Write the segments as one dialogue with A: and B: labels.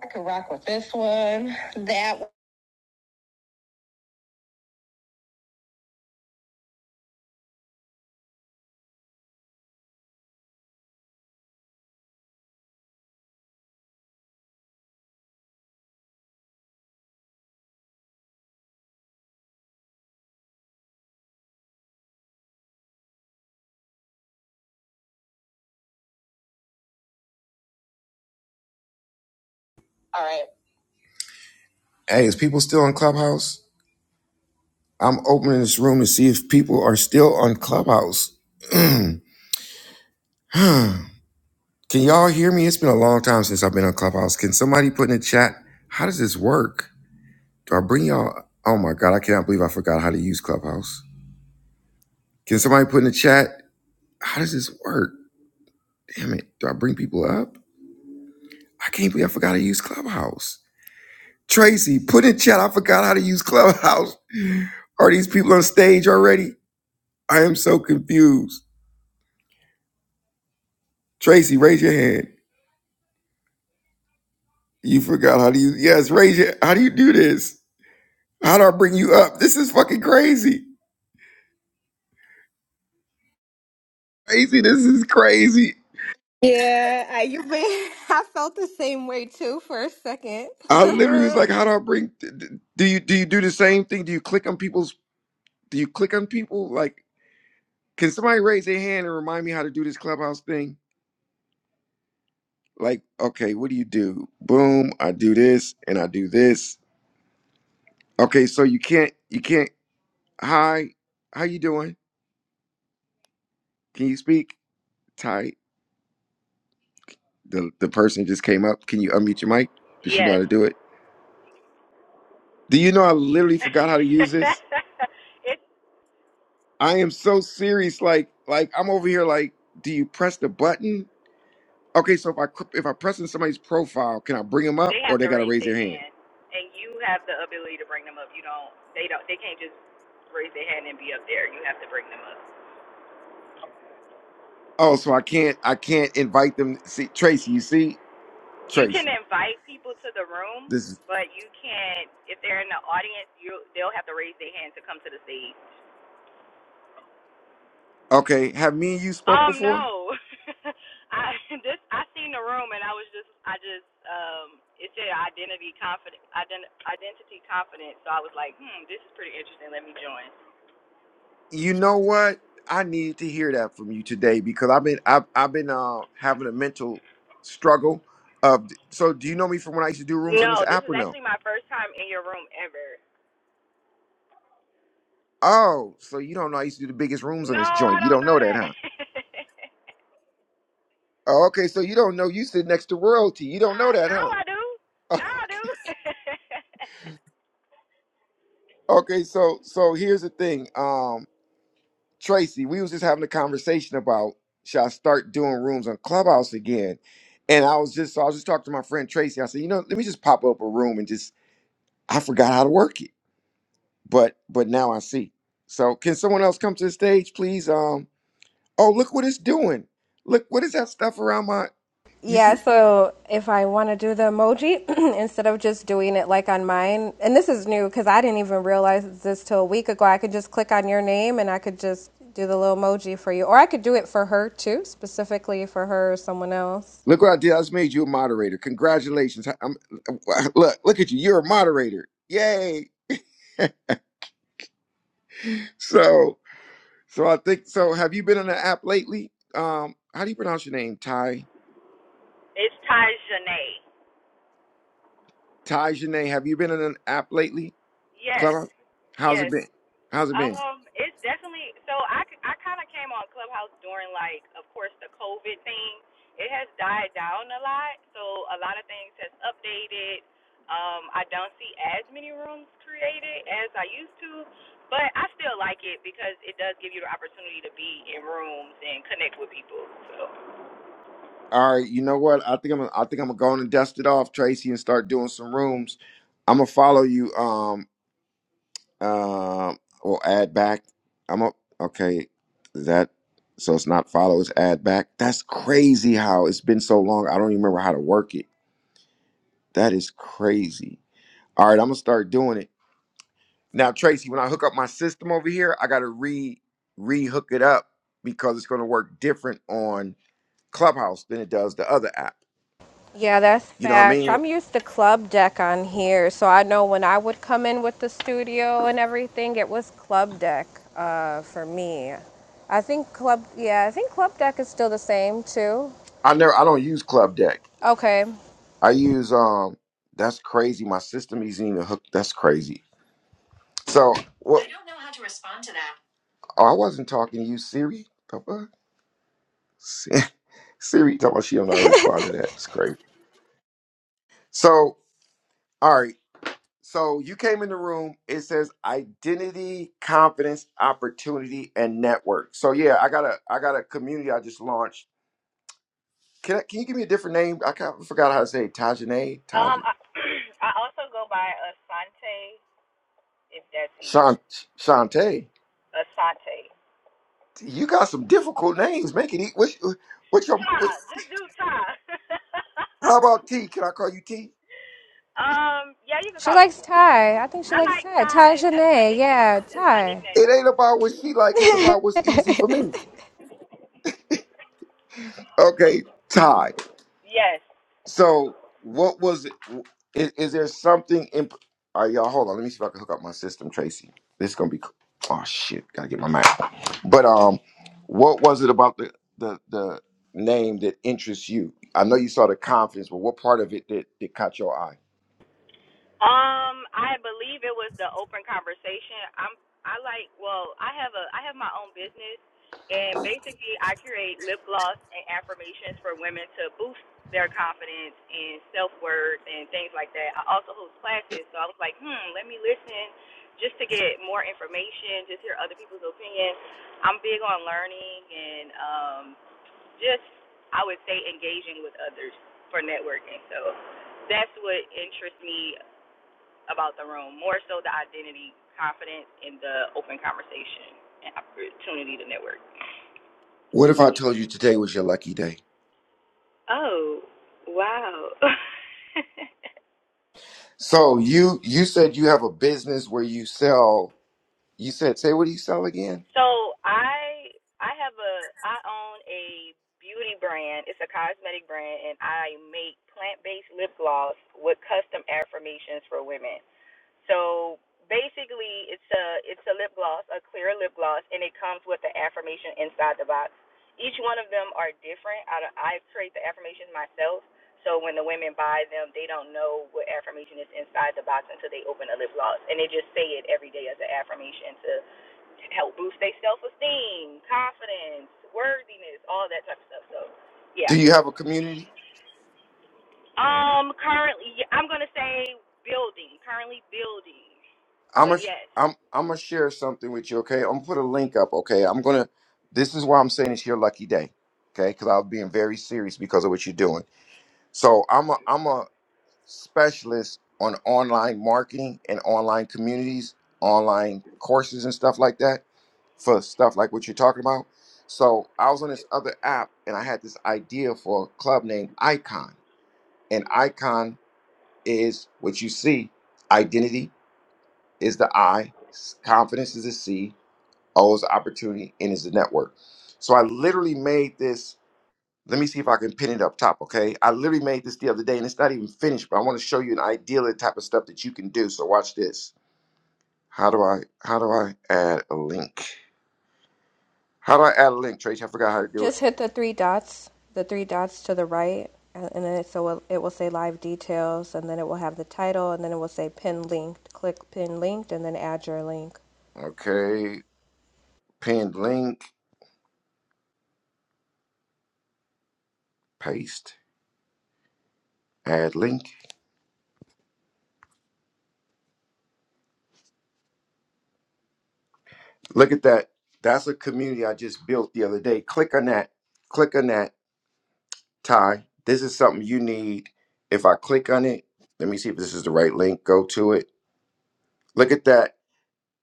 A: I could rock with this one. That one. All right. Hey, is people still on Clubhouse? I'm opening this room to see if people are still on Clubhouse. Can y'all hear me? It's been a long time since I've been on Clubhouse. Can somebody put in the chat? How does this work? Do I bring y'all? Oh my God, I cannot believe I forgot how to use Clubhouse. Can somebody put in the chat? How does this work? Damn it. Do I bring people up? I can't believe I forgot how to use Clubhouse. Tracy, put in chat. I forgot how to use Clubhouse. Are these people on stage already? I am so confused. Tracy, raise your hand. You forgot how to use. Yes, raise your. How do you do this? How do I bring you up? This is fucking crazy. Crazy. This is crazy.
B: Yeah, I, you been, I felt the same way too for a second.
A: I literally was like, how do I bring? Do you do you do the same thing? Do you click on people's? Do you click on people? Like, can somebody raise their hand and remind me how to do this clubhouse thing? Like, okay, what do you do? Boom, I do this and I do this. Okay, so you can't you can't. Hi, how you doing? Can you speak? Tight. The the person just came up. Can you unmute your mic? Does she know how
C: Yes.
A: to do it? Do you know I literally forgot how to use this?
C: it's
A: I am so serious. Like like I'm over here. Like, do you press the button? Okay, so if I cr- if I press in somebody's profile, can I bring them
C: they
A: up or
C: have
A: they
C: to
A: gotta
C: raise
A: raise
C: their
A: their hand?
C: hand, and you have the ability to bring them up. You don't. They don't. They can't just raise their hand and be up there. You have to bring them up.
A: Oh, so I can't I can't invite them. See Tracy, you see
C: You can
A: Tracy.
C: invite people to the room,
A: This is
C: but you can't if they're in the audience. You they'll have to raise their hand to come to the stage.
A: okay. Have me and you spoke
C: Um
A: before?
C: no, I this I seen the room and I was just I just um it said identity confident ident, identity confidence so I was like hmm this is pretty interesting let me join
A: You know what? I needed to hear that from you today because I've been I've, I've been uh, having a mental struggle. Of so, do you know me from when I used to do rooms on this
C: No, this
A: app
C: is
A: or no?
C: actually my first time in your room ever.
A: Oh, so you don't know I used to do the biggest rooms on
C: No,
A: this
C: I
A: joint. You
C: don't
A: don't
C: know
A: know that,
C: that.
A: huh? Oh, okay, so you don't know you sit next to royalty. You don't know
C: uh,
A: that,
C: now I
A: huh?
C: do. Now I do.
A: okay, so so here's the thing, um, Tracy. We was just having a conversation about should I start doing rooms on Clubhouse again? And I was just so I was just talking to my friend Tracy. I said, you know, let me just pop up a room and just I forgot how to work it, but but now I see. So can someone else come to the stage, please? Um. Oh, look what it's doing. Look what is that stuff around my? You
B: yeah,
A: see?
B: so if I want to do the emoji, instead of just doing it like on mine, and this is new because I didn't even realize this till a week ago, I could just click on your name and I could just do the little emoji for you. Or I could do it for her too, specifically for her or someone else.
A: Look what I did. I just made you a moderator. Congratulations. I- I'm, look, look at you. You're a moderator. Yay. So so I think so. Have you been in an app lately? Um. How do you pronounce your name? Ty
C: it's Tajane.
A: Ty Janae. Have you been in an app lately?
C: Yes.
A: Clubhouse. How's it
C: Yes.
A: been? How's it been?
C: Um, it's definitely so. I I kind of came on Clubhouse during like, of course, the COVID thing. It has died down a lot, so a lot of things has updated. Um, I don't see as many rooms created as I used to, but I still like it because it does give you the opportunity to be in rooms and connect with people. So,
A: All right, you know what? I think I'm Gonna- I think I'm gonna go on and dust it off, Tracy, and start doing some rooms. I'm gonna follow you. Um, um, or add back. I'm up. Okay, is that so? It's not follow. It's add back. That's crazy. How it's been so long. I don't even remember how to work it. That is crazy. All right, I'm gonna start doing it now, Tracy. When I hook up my system over here, I gotta re re hook it up because it's gonna work different on Clubhouse than it does the other app.
B: Yeah, that's
A: You know what I
B: facts.
A: mean?
B: I'm used to club deck on here, so I know when I would come in with the studio and everything, it was club deck uh, for me. I think club, yeah, I think club deck is still the same too.
A: I never. I don't use Club Deck.
B: Okay,
A: I use um. That's crazy. My system isn't even hooked. That's crazy. So what? I wasn't talking to you, Siri. The fuck? Si- Siri, talking about she don't know how to respond to that. It's crazy. So all right. So you came in the room. It says identity, confidence, opportunity, and network. So yeah, I got a I got a community I just launched. Can I, can you give me a different name? I kind of forgot how to say it. Tajane, Taj,
C: um, I, I also go by Asante if that's easy.
A: Shan, Shante.
C: Asante.
A: You got some difficult names. Make it eat. What, what your?
C: Ta,
A: What,
C: just do Ta.
A: how about T? Can I call you T?
C: Um, yeah, you can
B: she
C: call me
B: likes
C: T.
B: Ty. I think she
C: I
B: likes
C: like
B: Ty.
C: Ty.
B: Ty
C: That's my
B: Janae,
C: nickname.
B: yeah,
C: That's my
B: Ty.
A: It
C: nickname.
A: ain't about what she like. It's about what's easy for me. Okay, Ty.
C: Yes.
A: So, what was it? Is, is there something? In, all right, y'all. Hold on. Let me see if I can hook up my system, Tracy. This is gonna be. Oh shit! Gotta get my mic. But um, what was it about the the the name that interests you? I know you saw the confidence, but what part of it that that caught your eye?
C: Um, I believe it was the open conversation. I'm I like well, I have a I have my own business and basically I create lip gloss and affirmations for women to boost their confidence and self worth and things like that. I also host classes, so I was like, hmm, let me listen just to get more information, just hear other people's opinions. I'm big on learning and um just I would say engaging with others for networking. So that's what interests me about the room, more so the identity, confidence, and the open conversation and opportunity to network.
A: What if I told you today was your lucky day?
C: Oh, wow.
A: So you you said you have a business where you sell. You said say what do you sell again?
C: So I I have a I own a beauty brand. It's a cosmetic brand, and I make plant-based lip gloss with custom affirmations for women. So basically, it's a it's a lip gloss, a clear lip gloss, and it comes with the affirmation inside the box. Each one of them are different. I don't- I create the affirmations myself, so when the women buy them, they don't know what affirmation is inside the box until they open the lip gloss, and they just say it every day as an affirmation to help boost their self esteem, confidence, worthiness, all that type of stuff. So,
A: Do
C: yeah.
A: you have a community?
C: Um, currently, yeah, I'm gonna say building. Currently building,
A: I'm
C: but
A: gonna
C: yes,
A: i am I'm I'm gonna share something with you. Okay, I'm gonna put a link up. Okay, I'm gonna. This is why I'm saying it's your lucky day. Okay, because I was being very serious because of what you're doing. So I'm a I'm a Specialists on online marketing and online communities, online courses and stuff like that for stuff like what you're talking about. So I was on this other app and I had this idea for a club named Icon. And Icon is what you see. Identity is the I, s- confidence is the C, O is opportunity, and is the network. So I literally made this let me see if I can pin it up top, okay? I literally made this the other day and it's not even finished, but I want to show you an ideal type of stuff that you can do. So watch this. How do I how do I add a link? How do I add a link, Tracy? I forgot how to do it.
B: Just hit the three dots, the three dots to the right, and and then it, so it it will say live details, and then it will have the title, and then it will say pin linked. Click pin linked, and then add your link.
A: Okay, pinned link, paste, add link. Look at that. That's a community I just built the other day. Click on that. Click on that, Ty. This is something you need. If I click on it, let me see if this is the right link. Go to it. Look at that.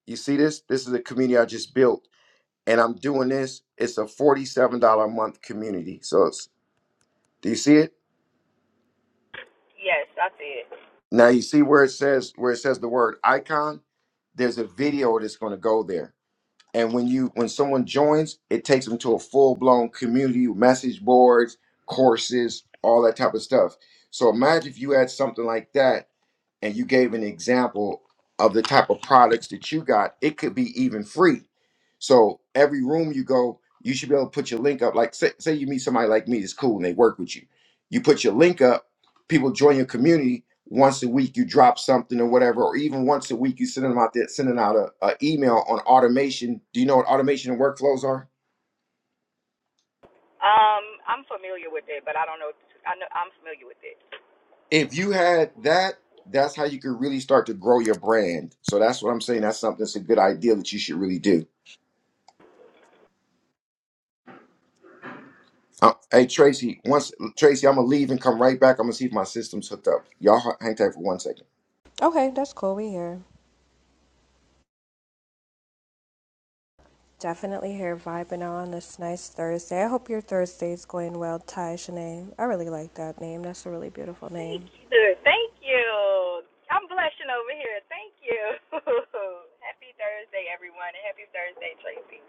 A: You see this? This is a community I just built. and I'm doing this. It's a $47 a month community. So it's, do you see it?
C: yes, I see it.
A: Now you see where it says where it says the word icon. There's a video that's going to go there. And when you when someone joins, it takes them to a full blown community message boards, courses, all that type of stuff. So imagine if you had something like that and you gave an example of the type of products that you got, it could be even free. So every room you go, you should be able to put your link up. Like say, say you meet somebody like me that's cool and they work with you. You put your link up, people join your community once a week you drop something or whatever, or even once a week you send them out there sending out a, a email on automation. Do you know what automation and workflows are?
C: Um, I'm familiar with it, but I don't know. I know I'm familiar with it.
A: If you had that, that's how you could really start to grow your brand. So that's what I'm saying. That's something that's a good idea that you should really do. Uh, hey Tracy, once Tracy, I'm gonna leave and come right back. I'm gonna see if my system's hooked up. Y'all h- hang tight for one second.
B: Okay, that's cool. We here. Definitely here vibing on this nice Thursday. I hope your Thursday's going well, Ty Shanae. I really like that name. That's a really beautiful
C: Thank
B: name.
C: you. Thank you. I'm blushing over here. Thank you. happy Thursday, everyone, and happy Thursday, Tracy.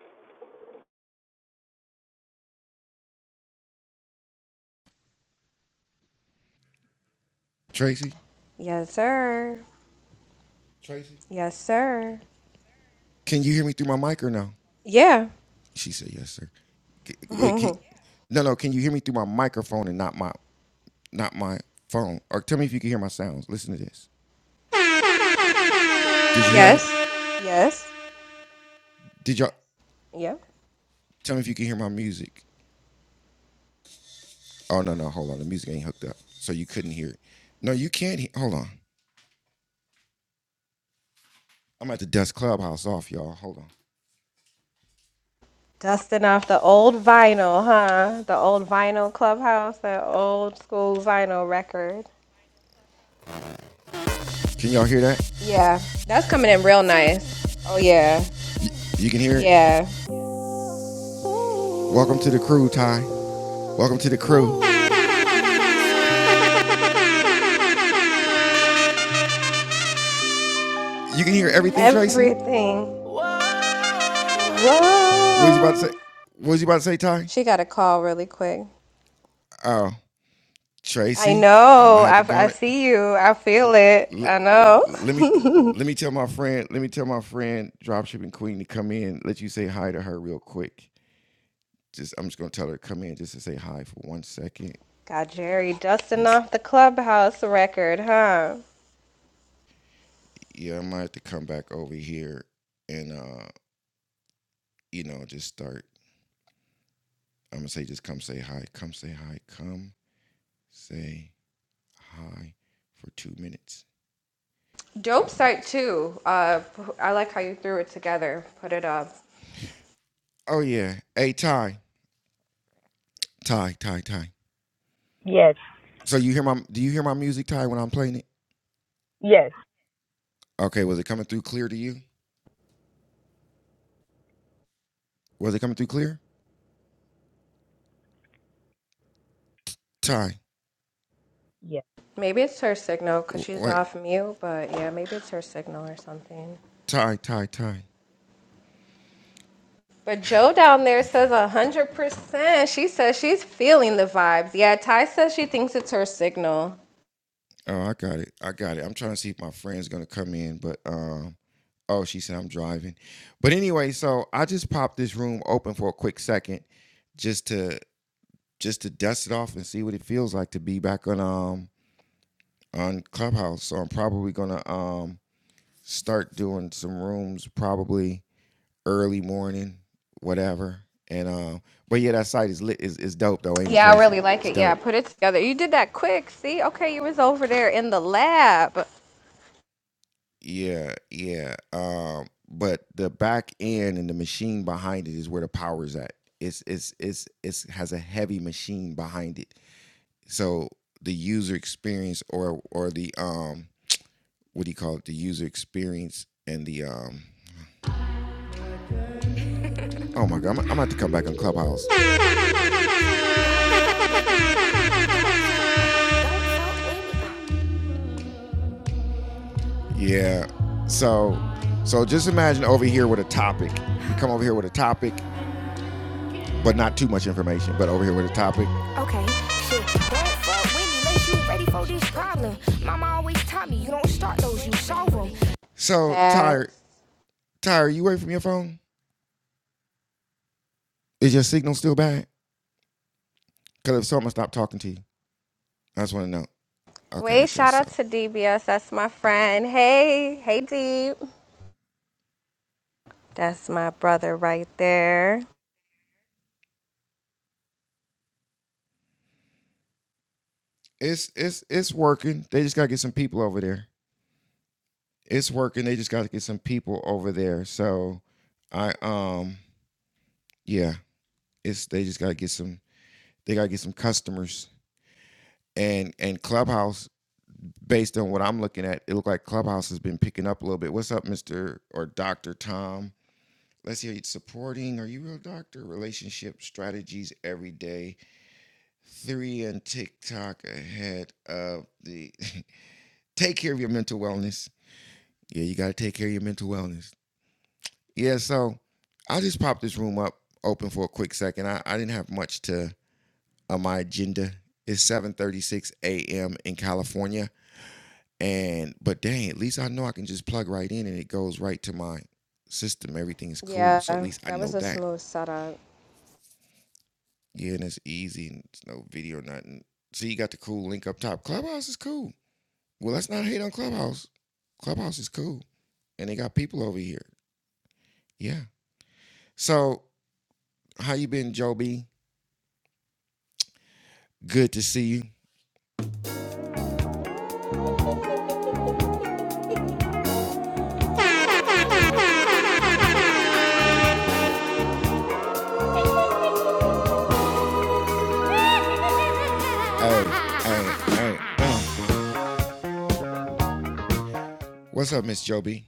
A: Tracy,
B: Yes, sir.
A: Tracy,
B: Yes, sir.
A: can you hear me through my mic or no?
B: Yeah.
A: She said yes, sir. C- Wait, can, no, no. Can you hear me through my microphone and not my not my phone? Or tell me if you can hear my sounds. Listen to this. Did you hear that?
B: yes. Yes.
A: Did y'all
B: Yep.
A: tell me if you can hear my music? Oh no, no. Hold on. The music ain't hooked up, so you couldn't hear it. No, you can't. He- hold on. I'm at the Dust Clubhouse off, y'all. Hold on.
B: Dusting off the old vinyl, huh? The old vinyl clubhouse, that old school vinyl record.
A: Can y'all hear that?
B: Yeah. That's coming in real nice. Oh, yeah.
A: You can hear it.
B: Yeah.
A: Welcome to the crew, Ty. Welcome to the crew. You can hear everything, Tracy. What
B: Everything.
A: was you about to say?
B: Whoa.
A: What was you about to say, Ty?
B: She got a call really quick.
A: Oh,
B: I
A: Tracy, I might
B: know.
A: have to
B: I,
A: go
B: I
A: on it.
B: see you. I feel it.
A: L-
B: I know.
A: let me let me tell my friend. Let me tell my friend, dropshipping queen, to come in. Let you say hi to her real quick. Just I'm just gonna tell her to come in just to say hi for one second.
B: Got Jerry dusting
A: Let's.
B: off the clubhouse record, huh?
A: Yeah, I might have to come back over here and uh, you know, just start. I'm gonna say, just come say hi. Come say hi. Come say hi for two minutes. Two
B: Dope site
A: minutes.
B: too. Uh, I like how you threw it together. Put it up.
A: Oh yeah. Hey Ty, Ty, Ty, Ty. So you hear my? Do you hear my music, Ty, when I'm playing it? Okay. Was it coming through clear to you? Was it coming through clear, Ty?
B: Maybe it's her signal because
A: w-
B: she's
A: Wait,
B: off mute, but yeah, maybe it's her signal or something.
A: Ty, Ty, Ty.
B: But Joe down there
A: Okay.
B: says 100%. She says she's feeling the vibes. Yeah, Ty says she thinks it's her signal.
A: Oh, I got it. I got it. I'm trying to see if my friend's gonna come in, but um. Oh, she said I'm driving. But anyway, so I just popped this room open for a quick second, just to just to dust it off and see what it feels like to be back on um on Clubhouse. So I'm probably gonna um start doing some rooms probably early morning, whatever. And um, but yeah, that site is lit. Is is dope though, ain't it,
B: Yeah, I really
A: Tracy?
B: like
A: It's
B: it. Yeah,
A: dope.
B: put it together. You did that quick. See? Okay, you was over there in the lab.
A: Yeah, yeah. Um, but the back end and the machine behind it is where the power is at. It's it's it's it's has a heavy machine behind it. So the user experience or or the um what do you call it? The user experience and the um. Oh my god, I'm, I'm about to come back on Clubhouse. Yeah. So so just imagine over here with a topic. You come over here with a topic, but not too much information, but over here with a topic. Okay, shit. you ready for this problem. Mama always taught me you don't start those, you solve them. So Tyre,
B: Facts.
A: Tyre, you away from your phone? Is your signal still bad? Cause if so, I'm gonna stop talking to you. I just wanna know. Okay, I
B: Wait,
A: guess
B: shout
A: so.
B: out to DBS. That's my friend. Hey, hey Deep. That's my brother right there.
A: It's it's it's working. They just gotta get some people over there. It's working. They just gotta get some people over there. So I um yeah, it's they just gotta get some they gotta get some customers and and Clubhouse. Based on what I'm looking at, it looked like Clubhouse has been picking up a little bit. What's up, Mister or Doctor Tom? Let's hear you supporting. Are you real doctor? Relationship strategies every day. Three and TikTok ahead of the. take care of your mental wellness. Yeah, you gotta take care of your mental wellness. Yeah, so I will just pop this room up open for a quick second. I, I didn't have much to on my agenda. It's 7:36 a.m. in California, and but dang, at least I know I can just plug right in and it goes right to my system. Everything is cool,
B: Yeah,
A: so at least I
B: that
A: know
B: was a
A: that.
B: smooth setup.
A: Yeah, and it's easy and it's no video, nothing. See, you got the cool link up top. Clubhouse is cool. Well, let's not hate on Clubhouse. Clubhouse is cool, and they got people over here. Yeah. So, how you been, Joby? Good to see you. Hey, hey, hey. uh. What's up, Miss Joby?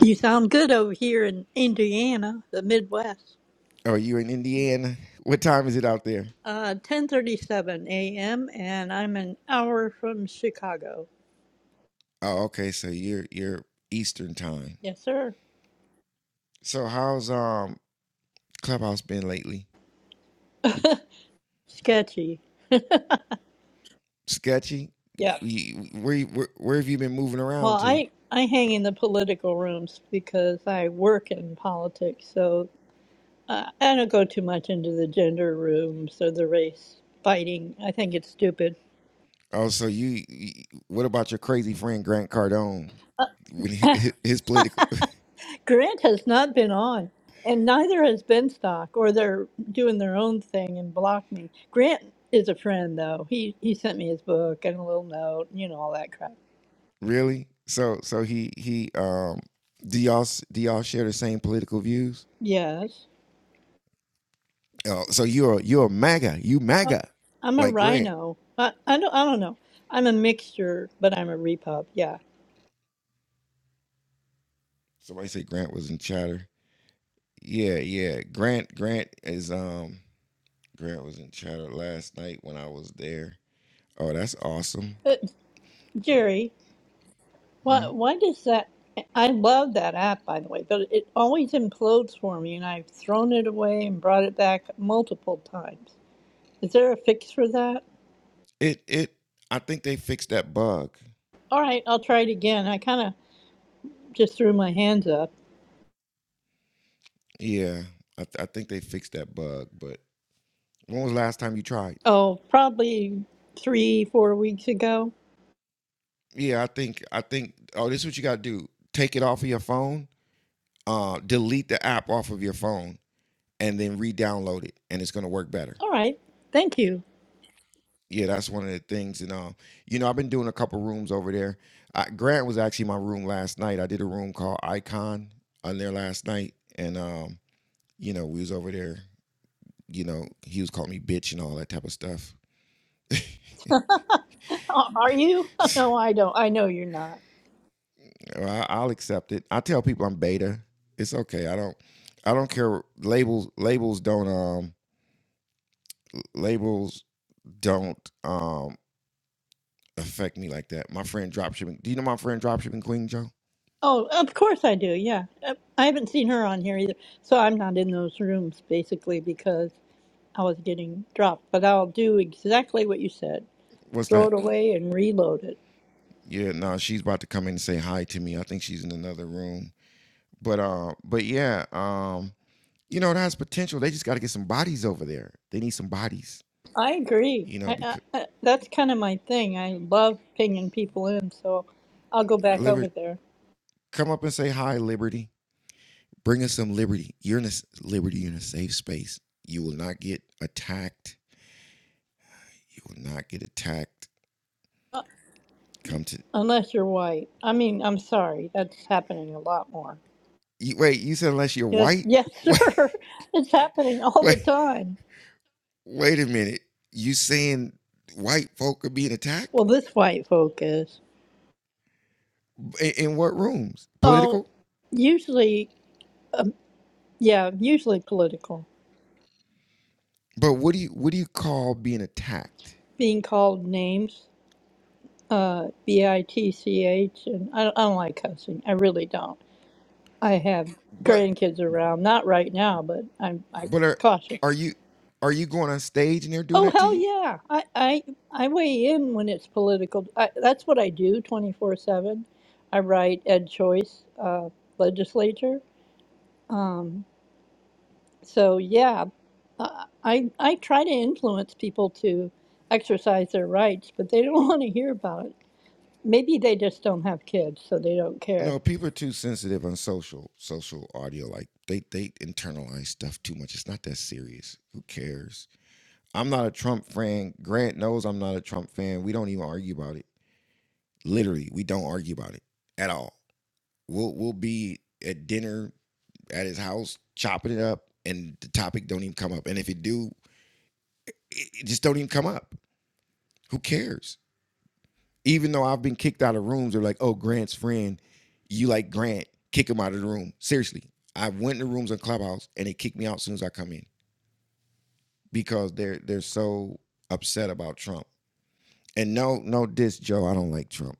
D: You sound good over here in Indiana, the Midwest.
A: Oh, you're in Indiana. What time is it out there?
D: Uh, 10:37 a.m. and I'm an hour from Chicago.
A: Oh, okay. So you're you're Eastern time.
D: Yes, sir.
A: So how's um Clubhouse been lately?
D: Sketchy.
A: Sketchy.
D: Yeah.
A: You, where, you- where where have you been moving
D: Well,
A: around to?
D: I I hang in the political rooms because I work in politics, so uh, I don't go too much into the gender rooms or the race fighting. I think it's stupid.
A: Oh, so you, you what about your crazy friend Grant Cardone? When he- his political
D: Grant has not been on, and neither has Benstock, or they're doing their own thing and block me. Grant is a friend, though. He he sent me his book and a little note, you know, all that crap.
A: really? So so he he um do y'all s- do y'all share the same political views?
D: Yes,
A: Oh, so you're a- you're a MAGA. You MAGA
D: I'm a
A: like Grant.
D: rhino. I, I don't I don't know. I'm a mixture, but I'm a repub. Yeah,
A: Somebody said Grant was in chatter. Yeah, yeah. Grant Grant is um Grant was in chatter last night when I was there. Oh, that's awesome.
D: but Jerry, why
A: Mhm.
D: why does that? I love that app, by the way, but it always implodes for me, and I've thrown it away and brought it back multiple times. Is there a fix for that?
A: It it I think they fixed that bug.
D: All right, I'll try it again. I kind of just threw my hands up.
A: Yeah. I, th- I think they fixed that bug, but when was the last time you tried?
D: Oh, probably three, four weeks ago.
A: Yeah, I think I think oh this is what you gotta do. Take it off of your phone, uh, delete the app off of your phone, and then re-download it and it's gonna work better.
D: All right, thank you.
A: yeah, that's one of the things. And um, you know, I've been doing a couple rooms over there. I, Grant was actually my room last night. I did a room called Icon on there last night, and um, you know, we was over there. You know, he was calling me bitch and all that type of stuff.
D: Oh, Are you? No, I don't. I know you're not.
A: Well, I, I'll accept it. I tell people I'm beta. It's okay. I don't. I don't care. Labels labels don't um labels don't um affect me like that. My friend dropshipping. Do you know my friend dropshipping queen Joe?
D: Oh, of course I do. Yeah. Uh, I haven't seen her on here either. So I'm not in those rooms basically because I was getting dropped. But I'll do exactly what you said
A: What's
D: throw
A: that?
D: it away and reload it.
A: Yeah, no, she's about to come in and say hi to me. I think she's in another room. But uh, but yeah, um, you know, it has potential. They just got to get some bodies over there. They need some bodies,
D: I agree.
A: you know,
D: I, I,
A: because
D: I, that's kind of my thing. I love pinging people in. So I'll go back over
A: Liberty,
D: there.
A: come up and say hi, Liberty. Bring us some liberty. You're in a liberty, you're in a safe space. You will not get attacked. You will not get attacked. Come to
D: Unless you're white. I mean, I'm sorry, that's happening a lot more.
A: you, wait, you said unless you're
D: Yes,
A: white?
D: yes,
A: Wait,
D: sir. It's happening all
A: wait,
D: the time.
A: wait a minute. You saying white folk are being attacked?
D: Well, this white folk is.
A: In, in what rooms?
D: Oh,
A: Political?
D: usually, um, yeah, usually political.
A: But what do you what do you call being attacked?
D: Being called names, uh, B I T C H, and I don't, I don't like cussing. I really don't. I have
A: But
D: grandkids around, not right now, but I'm I
A: but are
D: cautious.
A: are you are you going on stage and they're doing
D: Oh
A: that to
D: hell
A: you?
D: yeah! I I, I weigh in when it's political. I, that's what I do twenty four seven. I write Ed Choice uh, legislature. Um, so yeah, uh, I I try to influence people to exercise their rights, but they don't want to hear about it. Maybe they just don't have kids, so they don't care.
A: No, people are too sensitive on social social audio. Like they they internalize stuff too much. It's not that serious. Who cares? I'm not a Trump fan. Grant knows I'm not a Trump fan. We don't even argue about it. Literally, we don't argue about it at all. We'll we'll be at dinner at his house chopping it up, and the topic don't even come up. And if it do, it it just don't even come up. Who cares? Even though I've been kicked out of rooms, they're like, "Oh, Grant's friend, you like Grant? Kick him out of the room." Seriously, I went to rooms on Clubhouse and they kicked me out as soon as I come in because they're they're so upset about Trump. And no, no diss, Joe. I don't like Trump.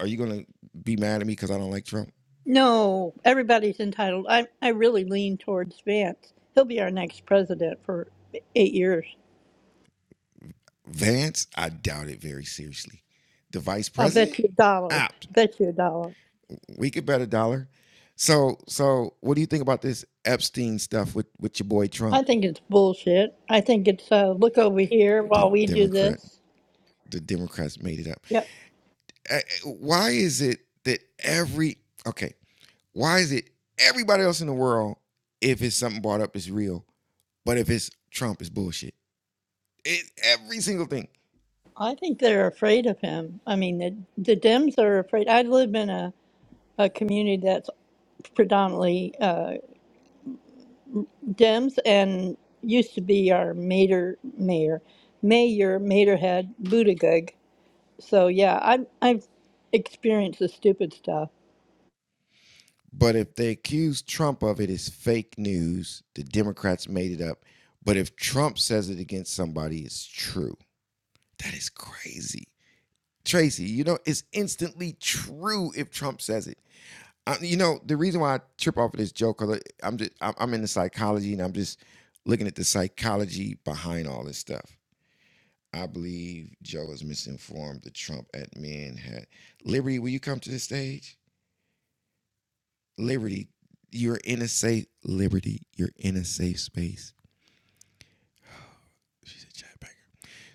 A: Are you gonna be mad at me because I don't like Trump?
D: No, everybody's entitled. I I really lean towards Vance. He'll be our next president for eight years.
A: Vance, I doubt it very seriously. The vice
D: I'll
A: president,
D: bet you a dollar.
A: apt.
D: Bet you a dollar.
A: We could bet a dollar. So, so what do you think about this Epstein stuff with with your boy Trump?
D: I think it's bullshit. I think it's uh, look over here
A: The
D: while we do
A: Democrat
D: this.
A: the Democrats made it up.
D: Yep.
A: Uh, Why is it that every okay? Why is it everybody else in the world, if it's something brought up, is real, but if it's Trump, it's bullshit. It every single thing.
D: I think they're afraid of him. I mean, the the Dems are afraid. I live in a, a community that's predominantly uh, Dems and used to be our mayor, mayor, mayor, mayorhead, Buttigieg. So yeah, I I've I've experienced the stupid stuff.
A: But if they accuse Trump of it, it's fake news. The Democrats made it up. But if Trump says it against somebody, it's true. That is crazy. Tracy, you know, it's instantly true if Trump says it. I, you know, the reason why I trip off of this joke, cause I- am just I'm I'm into psychology and I'm just looking at the psychology behind all this stuff. I believe Joe is misinformed. The Trump admin had Liberty. Will you come to the stage? Liberty, you're in a safe Liberty. You're in a safe space. She's a chatbanger.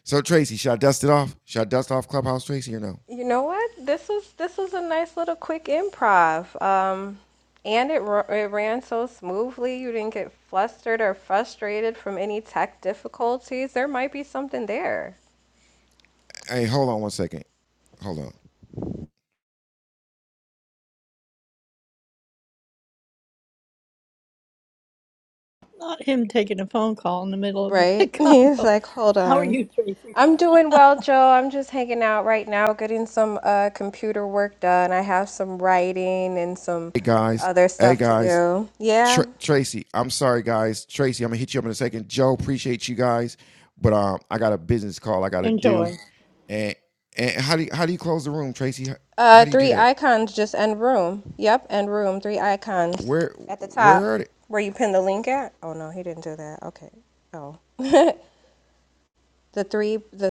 A: So Tracy, should I dust it off? Should I dust off Clubhouse, Tracy, or no?
B: You know what? This was this was a nice little quick improv. Um and it, ru- it ran so smoothly. You didn't get flustered or frustrated from any tech difficulties. There might be something there.
A: Hey, hold on one second. Hold on.
D: Not him taking a phone call in the middle of a
B: Right? He's
D: combo.
B: like, hold
D: How are
B: on.
D: you, Tracy?
B: I'm doing well, Joe. I'm just hanging out right now, getting some uh, computer work done. I have some writing and some
A: Hey guys.
B: other
A: Hey
B: stuff to
A: guys.
B: do.
A: Tr-
B: Yeah.
A: Tracy, I'm sorry, guys. Tracy, I'm gonna hit you up in a second. Joe, appreciate you guys, but um, I got a business call I gotta do.
D: Enjoy.
A: And and how do you, how do you close the room, Tracy? How, how
B: Uh,
A: do you do
B: three
A: that?
B: icons just end room. Yep, end room. Three icons
A: Where
B: at the top
A: where are they?
B: where you pin the link at. Oh no, he didn't do that. Okay. Oh. the three the